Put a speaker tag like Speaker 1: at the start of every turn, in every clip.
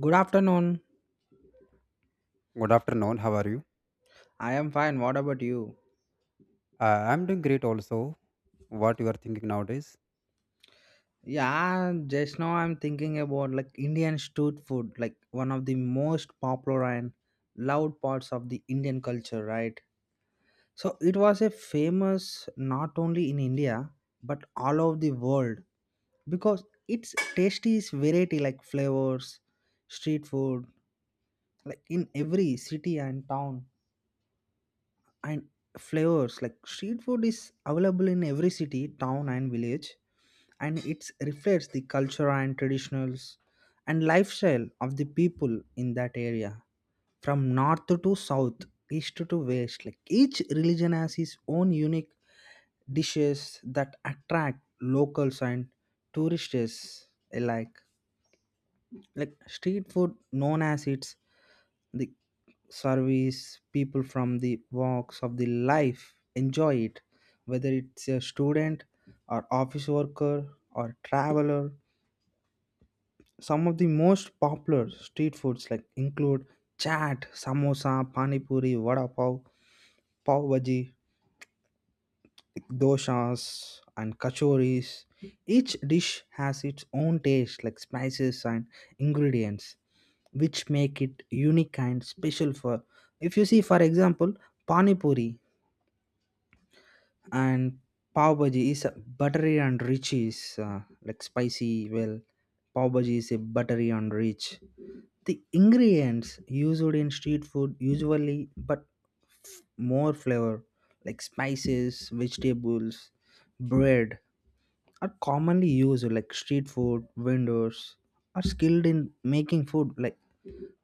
Speaker 1: Good afternoon.
Speaker 2: Good afternoon. How are you?
Speaker 1: I am fine. What about you?
Speaker 2: I'm doing great also. What you are thinking nowadays?
Speaker 1: Yeah, just now I'm thinking about like Indian street food, like one of the most popular and loved parts of the Indian culture, right? So it was a famous not only in India but all over the world because its tasty is variety like flavors, street food, like in every city and town and flavors like street food is available in every city, town and village, and it reflects the culture and traditionals and lifestyle of the people in that area from north to south, east to west, like each religion has its own unique dishes that attract locals and tourists alike, like street food known as its the service people from the walks of the life enjoy it, whether it's a student or office worker or traveler. Some of the most popular street foods like include chaat, samosa, pani puri, vada pav, pav bhaji, doshas, and kachoris. Each dish has its own taste like spices and ingredients, which make it unique and special for. If you see, for example, pani puri and pav bhaji is a buttery and rich is like spicy. Well, pav bhaji is a buttery and rich. The ingredients used in street food usually, but more flavor like spices, vegetables, bread are commonly used, like street food vendors are skilled in making food like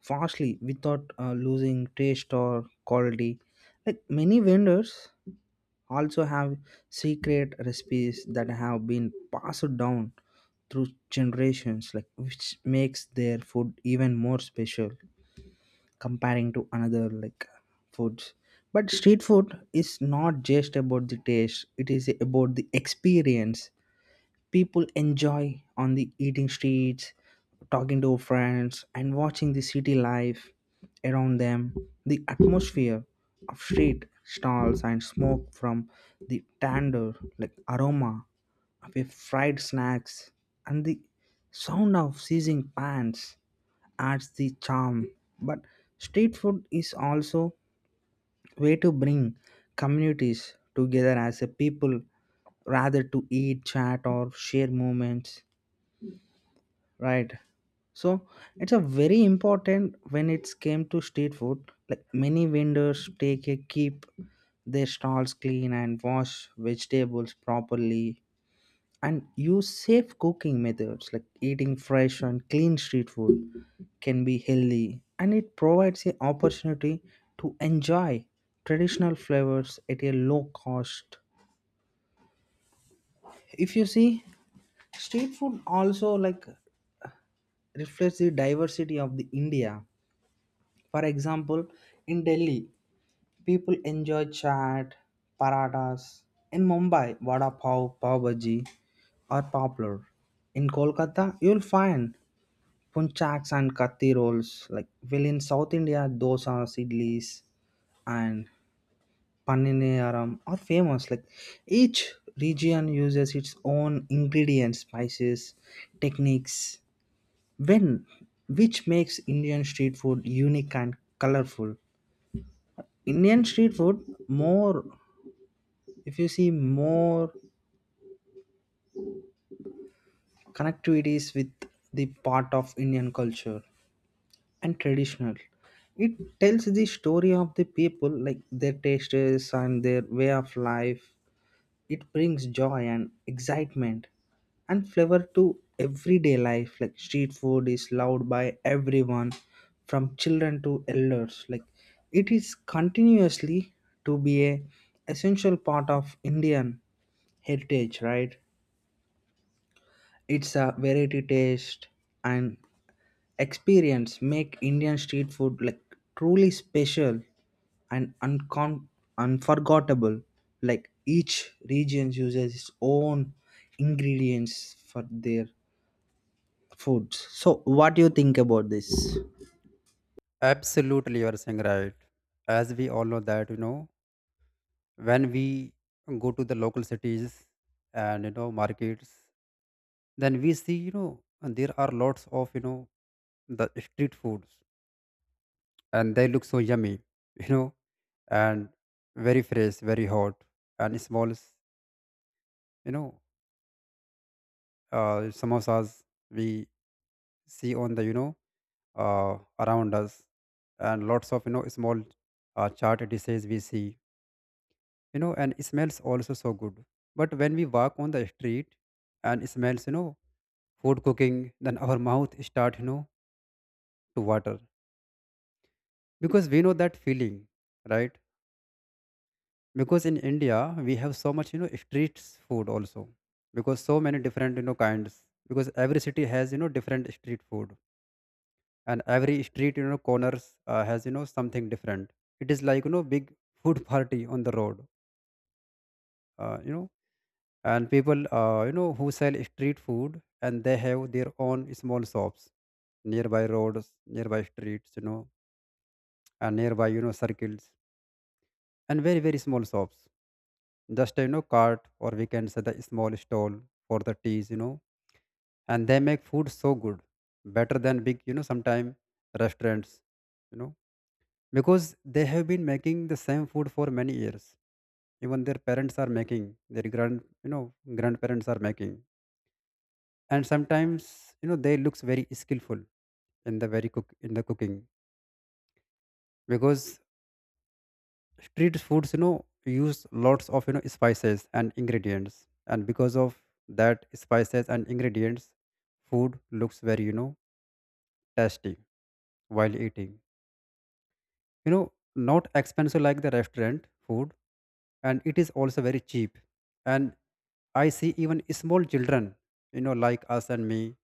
Speaker 1: fastly without losing taste or quality. Like many vendors also have secret recipes that have been passed down through generations, like which makes their food even more special comparing to another like foods. But street food is not just about the taste, it is about the experience people enjoy on the eating streets, talking to friends and watching the city life around them. The atmosphere of street stalls and smoke from the tandoor, like aroma of a fried snacks and the sound of sizzling pans adds the charm. But street food is also way to bring communities together as a people rather to eat, chat or share moments, right? So it's a very important when it came to street food. Like many vendors take a keep their stalls clean and wash vegetables properly and use safe cooking methods, like eating fresh and clean street food can be healthy and it provides an opportunity to enjoy traditional flavors at a low cost. If you see, street food also like reflects the diversity of the India. For example, in Delhi people enjoy chaat paradas, in Mumbai vada pav, pav bhaji are popular, in Kolkata you'll find Punchaks and kathi rolls, like well in South India, dosas, idlis, and paniniyaram are famous. Like each region uses its own ingredients, spices, techniques, when which makes Indian street food unique and colorful. Indian street food more, if you see more connectivities with the part of Indian culture and traditional. It tells the story of the people, like their tastes and their way of life. It brings joy and excitement and flavor to everyday life. Like street food is loved by everyone, from children to elders. Like it is continuously to be a essential part of Indian heritage, right? It's a variety taste and experience make Indian street food like truly special and unforgettable. Like each region uses its own ingredients for their foods. So, what do you think about this?
Speaker 2: Absolutely, you are saying right. As we all know that, when we go to the local cities and, markets, then we see, there are lots of, the street foods, and they look so yummy, you know, and very fresh, very hot and small, know, samosas we see on the, around us, and lots of small chart dishes we see, and smells also so good. But when we walk on the street and smells, food cooking, then our mouth start, to water, because we know that feeling, right? Because in India, we have so much street food also, because so many different kinds, because every city has different street food, and every street, corners, has something different. It is like big food party on the road, uh, you know and people, who sell street food, and they have their own small shops nearby roads, nearby streets, and nearby, circles, and very small shops, just cart, or we can say the small stall for the teas, and they make food so good, better than big, sometime restaurants, you know because they have been making the same food for many years, even their parents are making, their grandparents are making. And sometimes, they looks very skillful in the cooking, because street foods, use lots of, spices and ingredients, and because of that spices and ingredients, food looks very, tasty while eating, not expensive like the restaurant food, and it is also very cheap. And I see even small children, like us and me,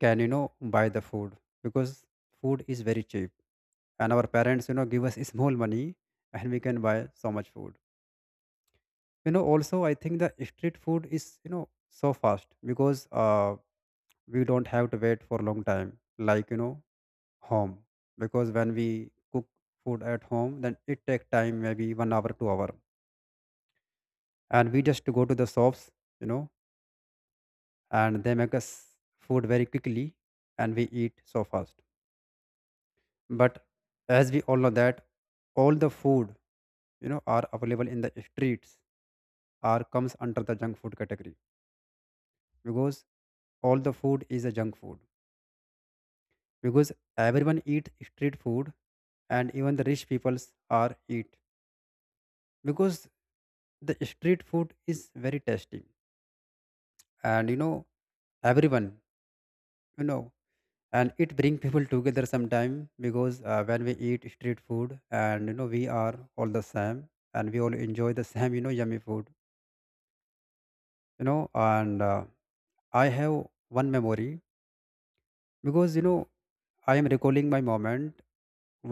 Speaker 2: can, buy the food, because food is very cheap. And our parents, give us small money, and we can buy so much food. Also, I think the street food is, so fast, because we don't have to wait for long time, like, home. Because when we cook food at home, then it take time, maybe 1 hour, 2 hour. And we just go to the shops, you know, and they make us food very quickly, and we eat so fast. But as we all know that all the food, are available in the streets, are comes under the junk food category, because all the food is a junk food, because everyone eat street food, and even the rich peoples are eat, because the street food is very tasty. And everyone, you know and it bring people together sometime, because when we eat street food, and we are all the same, and we all enjoy the same, yummy food, and I have one memory, because I am recalling my moment.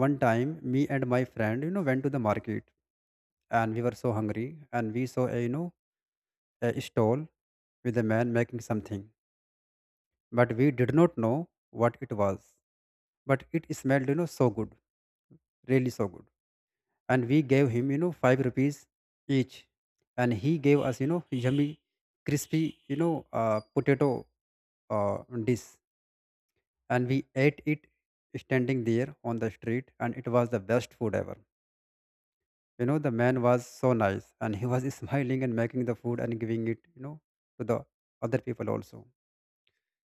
Speaker 2: One time, me and my friend, went to the market, and we were so hungry, and we saw a, stall with a man making something, but we did not know what it was, but it smelled, so good, really so good. And we gave him, 5 rupees each, and he gave us, yummy, crispy, potato uh, dish. And we ate it standing there on the street, and it was the best food ever. The man was so nice, and he was smiling and making the food and giving it, to the other people also,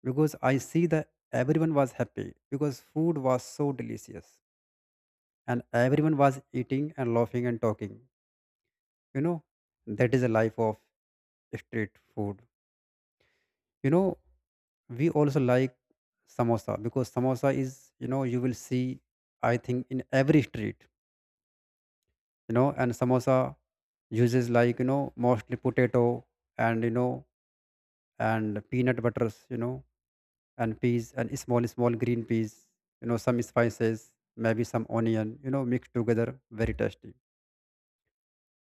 Speaker 2: because I see that everyone was happy because food was so delicious, and everyone was eating and laughing and talking. you know that is a life of street food. You know, we also like samosa, because samosa is, you will see, I think, in every street, and samosa uses like, mostly potato and, and peanut butters, and peas, and small green peas, some spices, maybe some onion, mixed together, very tasty.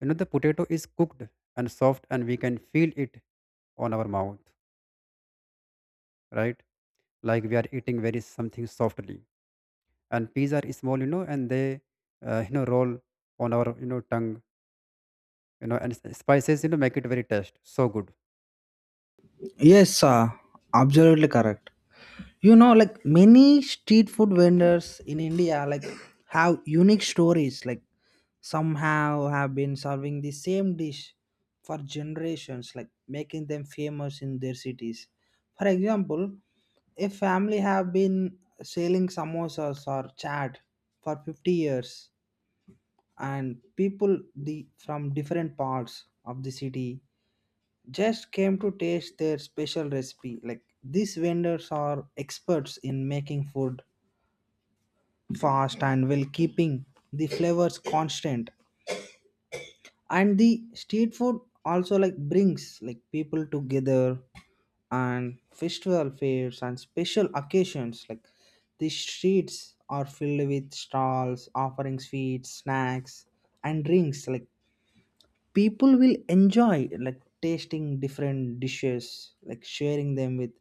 Speaker 2: The potato is cooked and soft, and we can feel it on our mouth, right? Like we are eating very something softly, and peas are small, and they, roll on our, tongue, and spices, make it very taste so good.
Speaker 1: Yes, absolutely correct. You know, like many street food vendors in India, like have unique stories. Like somehow have been serving the same dish for generations, like making them famous in their cities. For example, a family have been selling samosas or chaat for 50 years, and people the, from different parts of the city just came to taste their special recipe, like these vendors are experts in making food fast and while keeping the flavors constant. And the street food also like brings like people together, and festival fairs and special occasions, like the streets are filled with stalls offering sweets, snacks and drinks, like people will enjoy like tasting different dishes, like sharing them with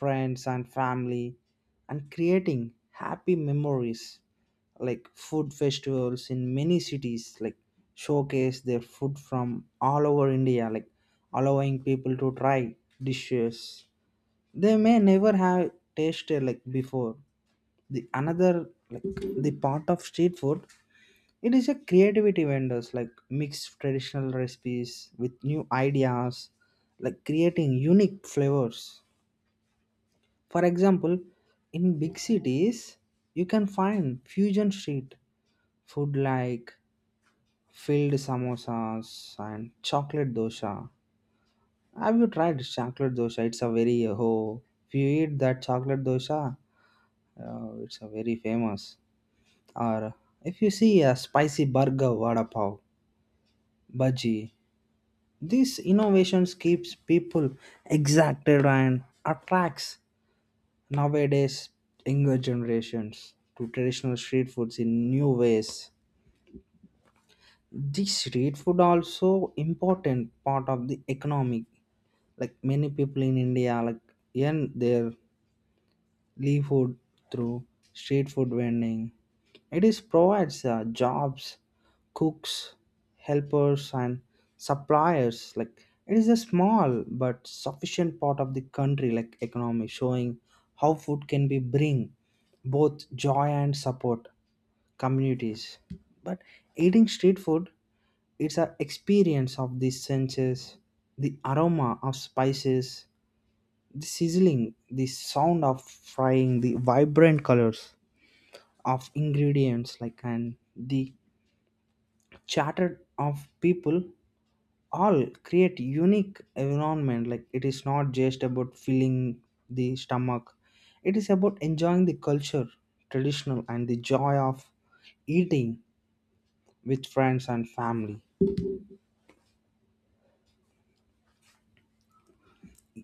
Speaker 1: friends and family and creating happy memories. Like food festivals in many cities like showcase their food from all over India, like allowing people to try dishes they may never have tasted like before. The another like the part of street food, it is a creativity vendors like mix traditional recipes with new ideas, like creating unique flavors. For example, in big cities, you can find fusion street food like filled samosas and chocolate dosa. Have you tried chocolate dosa? It's a very oh, if you eat that chocolate dosa, it's a very famous. Or if you see a spicy burger, vada pav, bhaji, these innovations keeps people exacted and attracts nowadays younger generations to traditional street foods in new ways. The street food also important part of the economic. Like many people in India like earn their live food through street food vending. It is provides jobs, cooks, helpers, and suppliers. Like it is a small but sufficient part of the country, like economy, showing how food can be bring both joy and support communities. But eating street food, it's an experience of the senses, the aroma of spices, the sizzling, the sound of frying, the vibrant colors of ingredients, like and the chatter of people, all create unique environment. Like it is not just about filling the stomach; it is about enjoying the culture, traditional, and the joy of eating with friends and family.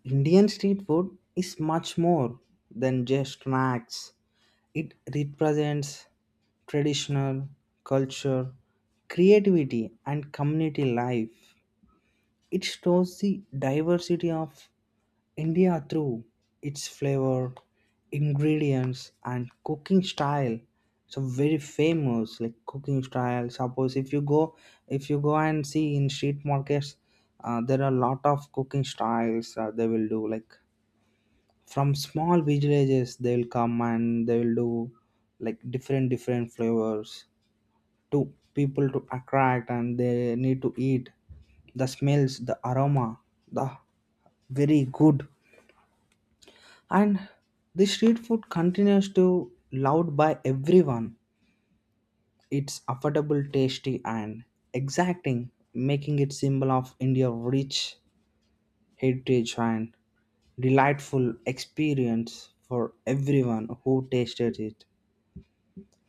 Speaker 1: Indian street food is much more than just snacks. It represents traditional, culture, creativity, and community life. It shows the diversity of India through its flavor, ingredients, and cooking style. So very famous like cooking style. Suppose if you go, if you go and see in street markets, there are a lot of cooking styles, they will do like from small villages they will come and they will do like different different flavors to people to attract and they need to eat. The smells, the aroma, the very good, and the street food continues to loved by everyone. It's affordable, tasty and exacting, making it symbol of India's rich heritage and delightful experience for everyone who tasted it.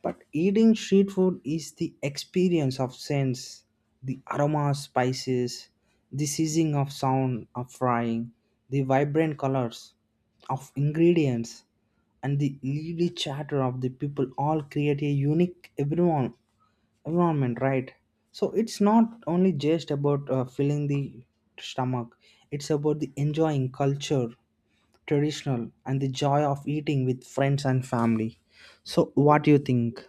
Speaker 1: But eating street food is the experience of sense, the aroma of spices, the sizzling of sound of frying, the vibrant colors of ingredients, and the lively chatter of the people all create a unique everyone environment, right? So it's not only just about filling the stomach; it's about the enjoying culture, traditional, and the joy of eating with friends and family. So what do you think?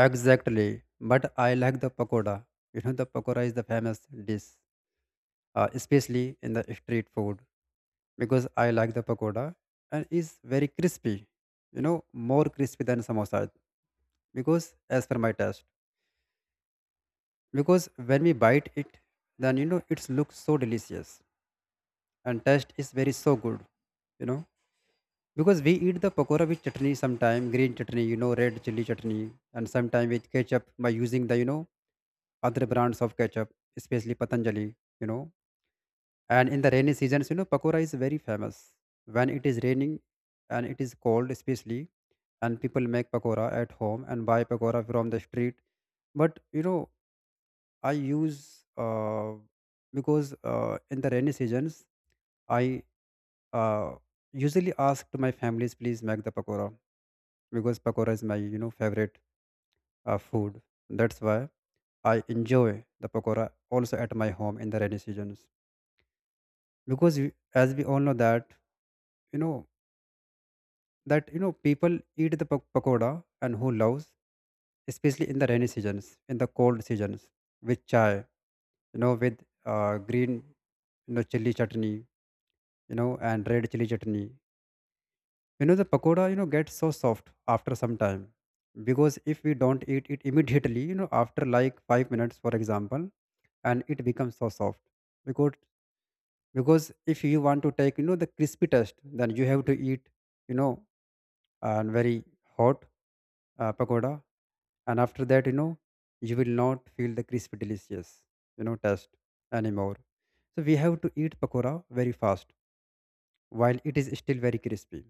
Speaker 2: Exactly, but I like the pakoda. The pakoda is the famous dish, especially in the street food, because I like the pakoda, and is very crispy, you know more crispy than samosa, because as per my taste. Because when we bite it, then it looks so delicious, and taste is very so good. you know Because we eat the pakora with chutney sometime, green chutney, red chili chutney, and sometime with ketchup by using the, other brands of ketchup, especially Patanjali, you know. And in the rainy seasons, pakora is very famous. When it is raining and it is cold, especially, and people make pakora at home and buy pakora from the street. But, I use, because in the rainy seasons, I uh, usually ask to my families, please make the pakora, because pakora is my, favorite food. That's why I enjoy the pakora also at my home in the rainy seasons, because you, as we all know that, you know that people eat the pakora, and who loves, especially in the rainy seasons, in the cold seasons, with chai, with green, chili chutney, and red chili chutney. The pakoda, gets so soft after some time, because if we don't eat it immediately, after like 5 minutes, for example, and it becomes so soft, because because if you want to take, the crispy taste, then you have to eat, you know a very hot pakoda, and after that, you will not feel the crispy delicious, taste anymore. So we have to eat pakoda very fast while it is still very crispy.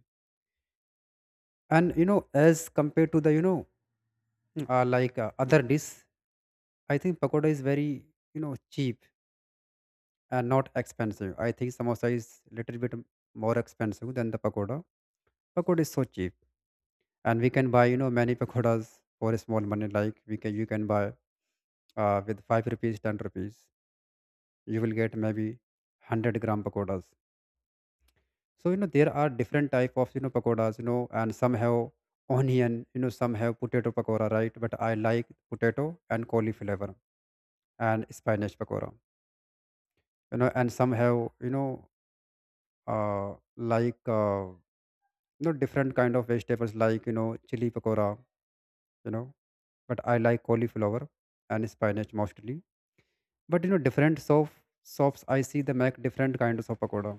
Speaker 2: And as compared to the, like other dish, I think pakoda is very, cheap and not expensive. I think samosa is little bit more expensive than the pakoda. Pakoda is so cheap, and we can buy, many pakodas for a small money. Like we can, you can buy with 5 rupees, 10 rupees, you will get maybe 100-gram pakodas. So, there are different type of, pakodas, and some have onion, some have potato pakora, right? But I like potato and cauliflower and spinach pakora, and some have, uh like different kind of vegetables, like, chili pakora, you know but I like cauliflower and spinach mostly. But different soaps I see, they make different kinds of pakoda,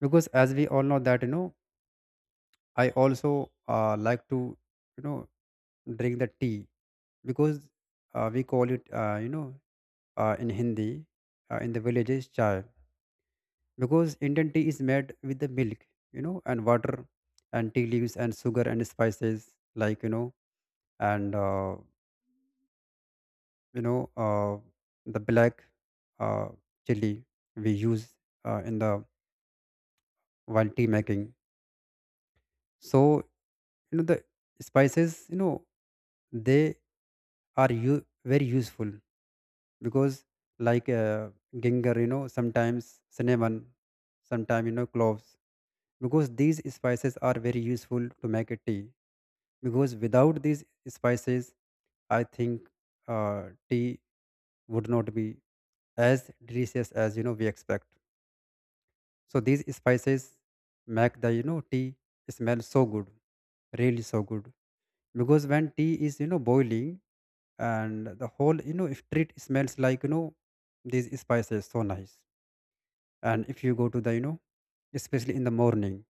Speaker 2: because as we all know that, I also, like to, you know drink the tea, because we call it, in Hindi, in the villages chai, because Indian tea is made with the milk, and water and tea leaves and sugar and spices like, and, you know, uh, the black uh, chili we use in the while tea making. So, the spices, they are very useful because like ginger, sometimes cinnamon, sometimes, cloves, because these spices are very useful to make a tea, because without these spices I think tea would not be as delicious as, we expect. So these spices make the, tea smell so good, really so good, because when tea is, boiling, and the whole, street smells like, these spices, so nice. And if you go to the, especially in the morning,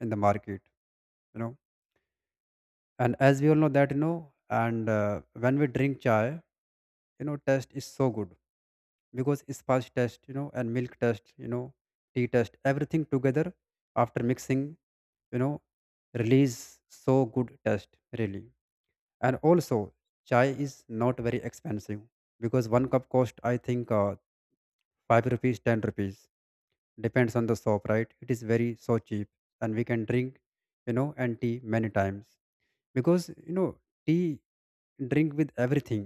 Speaker 2: in the market, you know and as we all know that, and when we drink chai, taste is so good, because spice test, and milk test, tea test, everything together after mixing, you know release so good taste, really. And also, chai is not very expensive, because one cup cost I think 5 rupees, 10 rupees, depends on the shop, right? It is very so cheap, and we can drink, and tea many times, because, tea drink with everything,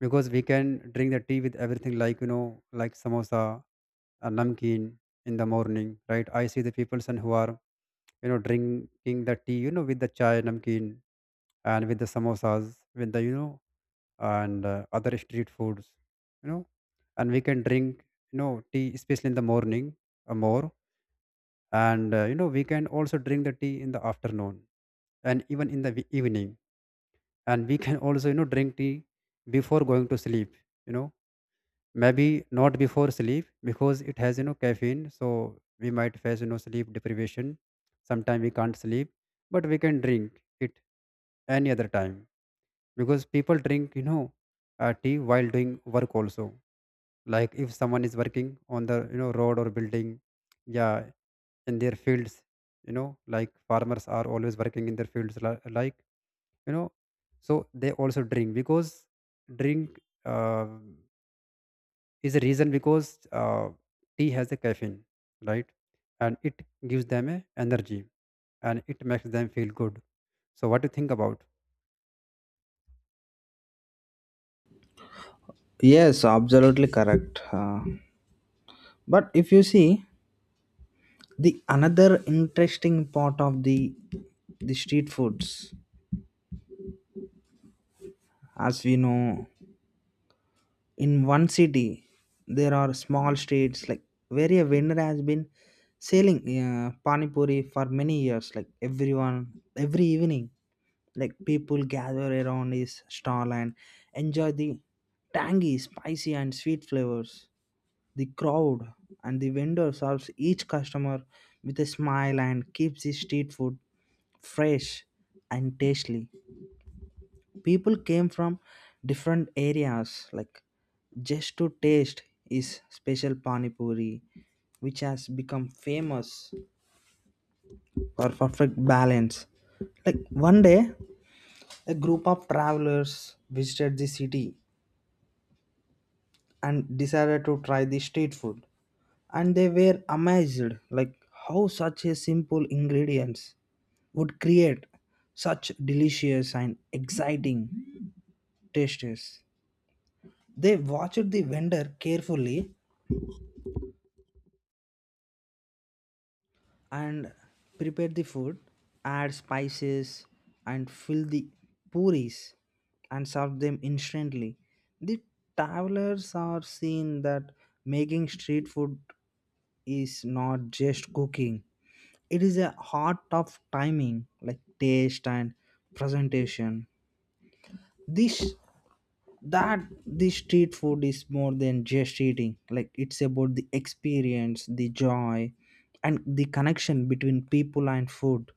Speaker 2: because we can drink the tea with everything, like, like samosa, a namkeen, in the morning, right? I see the people, and who are, drinking the tea, with the chai namkeen, and with the samosas, with the, and other street foods, you know, and we can drink, tea, especially in the morning, more, and, we can also drink the tea in the afternoon, and even in the evening, and we can also, drink tea before going to sleep, you know maybe not before sleep, because it has, caffeine, so we might face, sleep deprivation. Sometime we can't sleep, but we can drink it any other time, because people drink, tea while doing work also. Like if someone is working on the, road or building, yeah, in their fields, like farmers are always working in their fields, you know so they also drink, because drink, is a reason, because, tea has a caffeine, right? And it gives them a energy, and it makes them feel good. So what do you think about?
Speaker 1: Yes, absolutely correct. But if you see the another interesting part of the street foods, as we know, in one city there are small streets like where a vendor has been selling pani puri for many years. Like everyone, every evening, like people gather around his stall and enjoy the tangy, spicy, and sweet flavors. The crowd and the vendor serves each customer with a smile and keeps the street food fresh and tasty. People came from different areas like just to taste is special pani puri which has become famous for perfect balance. Like one day, a group of travelers visited the city and decided to try the street food, and they were amazed like how such a simple ingredients would create such delicious and exciting tastes. They watched the vendor carefully and prepared the food, add spices and fill the puris and serve them instantly. The travelers are seen that making street food is not just cooking, it is a heart of timing like taste and presentation. This that this street food is more than just eating, like it's about the experience, the joy, and the connection between people and food.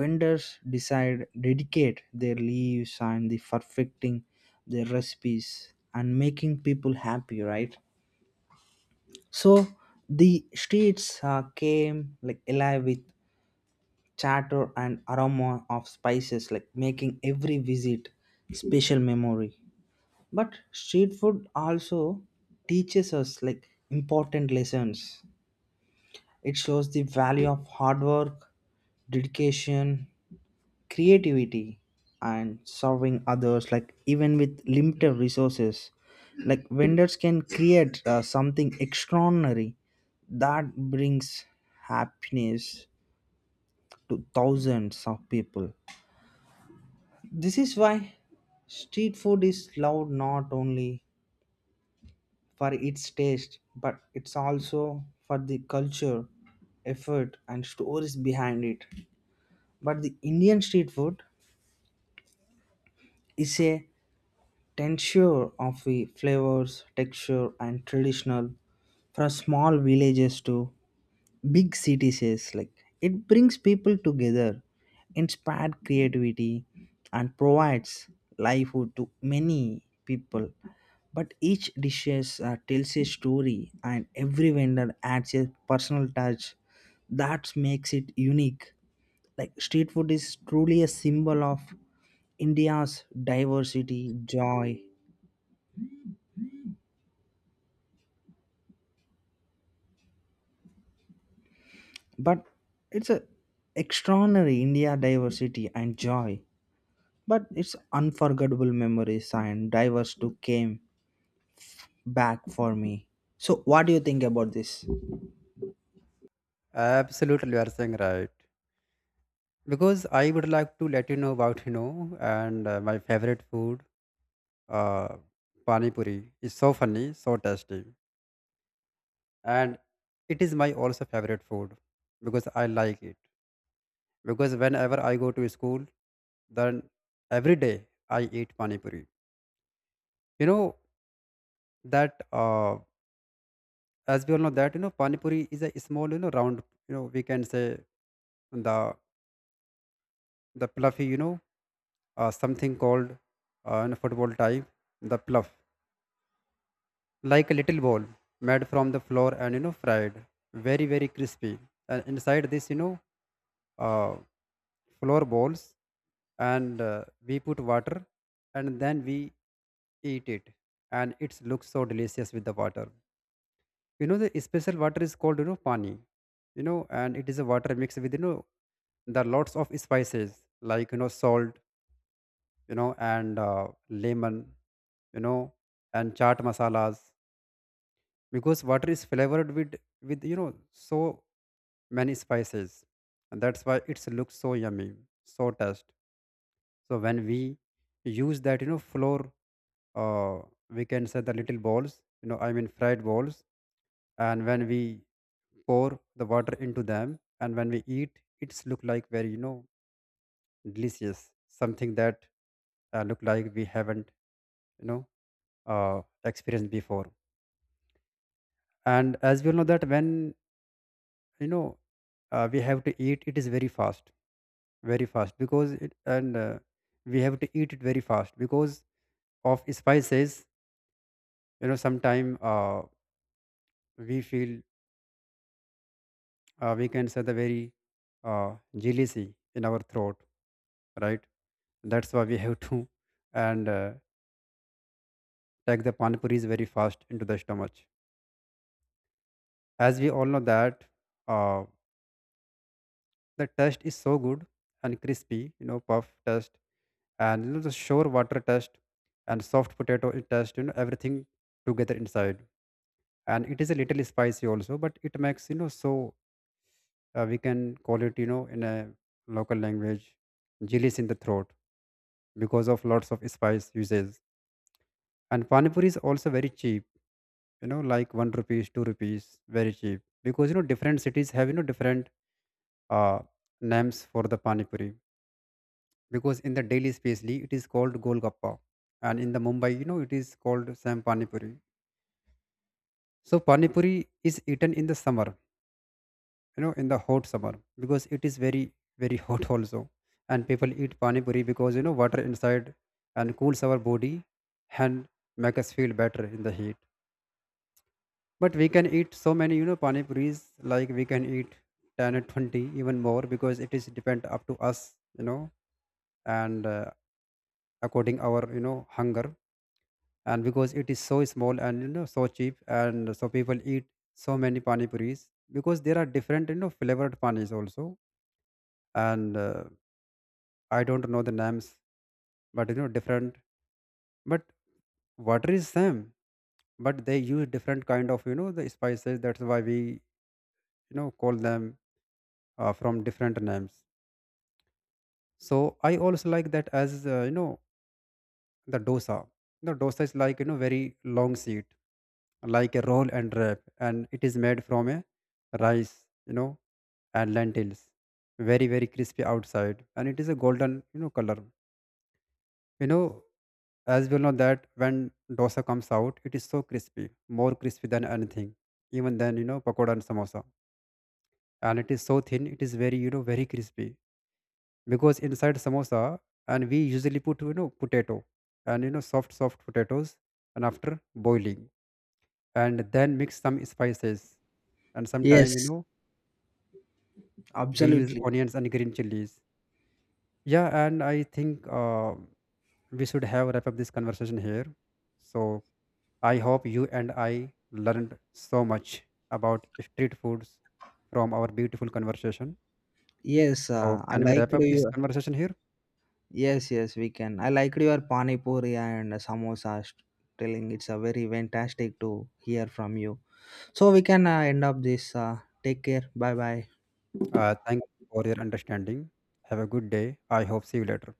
Speaker 1: Vendors decide dedicate their leaves and the perfecting their recipes and making people happy, right? So the streets came like alive with chatter and aroma of spices, like making every visit special memory. But street food also teaches us like important lessons. It shows the value of hard work, dedication, creativity, and serving others, like even with limited resources, like vendors can create something extraordinary that brings happiness to thousands of people. This is why street food is loved not only for its taste but it's also for the culture, effort, and stories behind it. But the Indian street food is a tincture of the flavors, texture, and traditional from small villages to big cities. Yes, like it brings people together, inspired creativity, and provides livelihood to many people. But each dishes tells a story and every vendor adds a personal touch that makes it unique, like street food is truly a symbol of India's diversity, joy, but it's a extraordinary India diversity and joy, but it's unforgettable memories and diverse to came back for me. So what do you think about this?
Speaker 2: Absolutely, you are saying right. Because I would like to let you know about, you know and my favorite food, uh, pani puri is so funny, so tasty, and it is my also favorite food, because I like it. Because whenever I go to school, then every day I eat pani puri. You know that, as we all know that, pani puri is a small, round, we can say, the the fluffy, something called in football type, the pluff, like a little ball, made from the flour, and, fried very very crispy. And inside this, uh, flour balls, and, we put water, and then we eat it, and it looks so delicious with the water. You know the special water is called, pani, and it is a water mixed with, the lots of spices, like, salt, and, lemon, you know and chaat masalas, because water is flavored with with you know so many spices, and that's why it looks so yummy, so taste. So when we use that, flour, uh, we can say the little balls, you know, I mean fried balls. And when we pour the water into them, and when we eat, it's look like very, delicious, something that, look like we haven't, you know, experienced before. And as we all know that when, you know, we have to eat, it is very fast because it, and, we have to eat it very fast because of spices, sometime, we feel, we can say the very, jealousy in our throat, right? That's why we have to, and, take the panipuris very fast into the stomach. As we all know that, uh, the taste is so good, and crispy, puff taste, and, the sure water taste, and soft potato taste, everything together inside. And it is a little spicy also, but it makes, so, we can call it, in a local language, jellies in the throat, because of lots of spice uses. And pani puri is also very cheap, like 1 rupees, 2 rupees, very cheap. Because, different cities have, different, uh, names for the pani puri. Because in the Delhi, especially, it is called golgappa, and in the Mumbai, it is called sam pani puri. So pani puri is eaten in the summer, in the hot summer, because it is very very hot also, and people eat pani puri because, water inside and cools our body, and make us feel better in the heat. But we can eat so many, pani puris. Like we can eat 10 or 20, even more, because it is depend up to us, you know, and, according our, hunger. And because it is so small, and, so cheap, and so people eat so many pani puris, because there are different, flavored panis also. And, I don't know the names, but, different. But water is same, but they use different kind of, the spices. That's why we, call them, from different names. So I also like that as, the dosa. The dosa is like, very long seat, like a roll and wrap, and it is made from a rice, and lentils. Very very crispy outside, and it is a golden, color. You know, as well know that when dosa comes out, it is so crispy, more crispy than anything, even than, pakoda and samosa. And it is so thin, it is very, very crispy, because inside samosa, and we usually put, potato, and, soft soft potatoes, and after boiling, and then mix some spices, and sometime,
Speaker 1: Yes,
Speaker 2: we use
Speaker 1: absolutely.
Speaker 2: onions and green chilies, yeah. And I think, we should have wrap up this conversation here. So I hope you and I learned so much about street foods from our beautiful conversation.
Speaker 1: Yes,
Speaker 2: So
Speaker 1: I
Speaker 2: can we
Speaker 1: liked
Speaker 2: wrap up this
Speaker 1: you.
Speaker 2: conversation here?
Speaker 1: Yes, yes, we can. I liked your pani puri and samosa telling. It's a very fantastic to hear from you. So we can end up this. Take care. Bye bye.
Speaker 2: Thank you for your understanding. Have a good day. I hope see you later.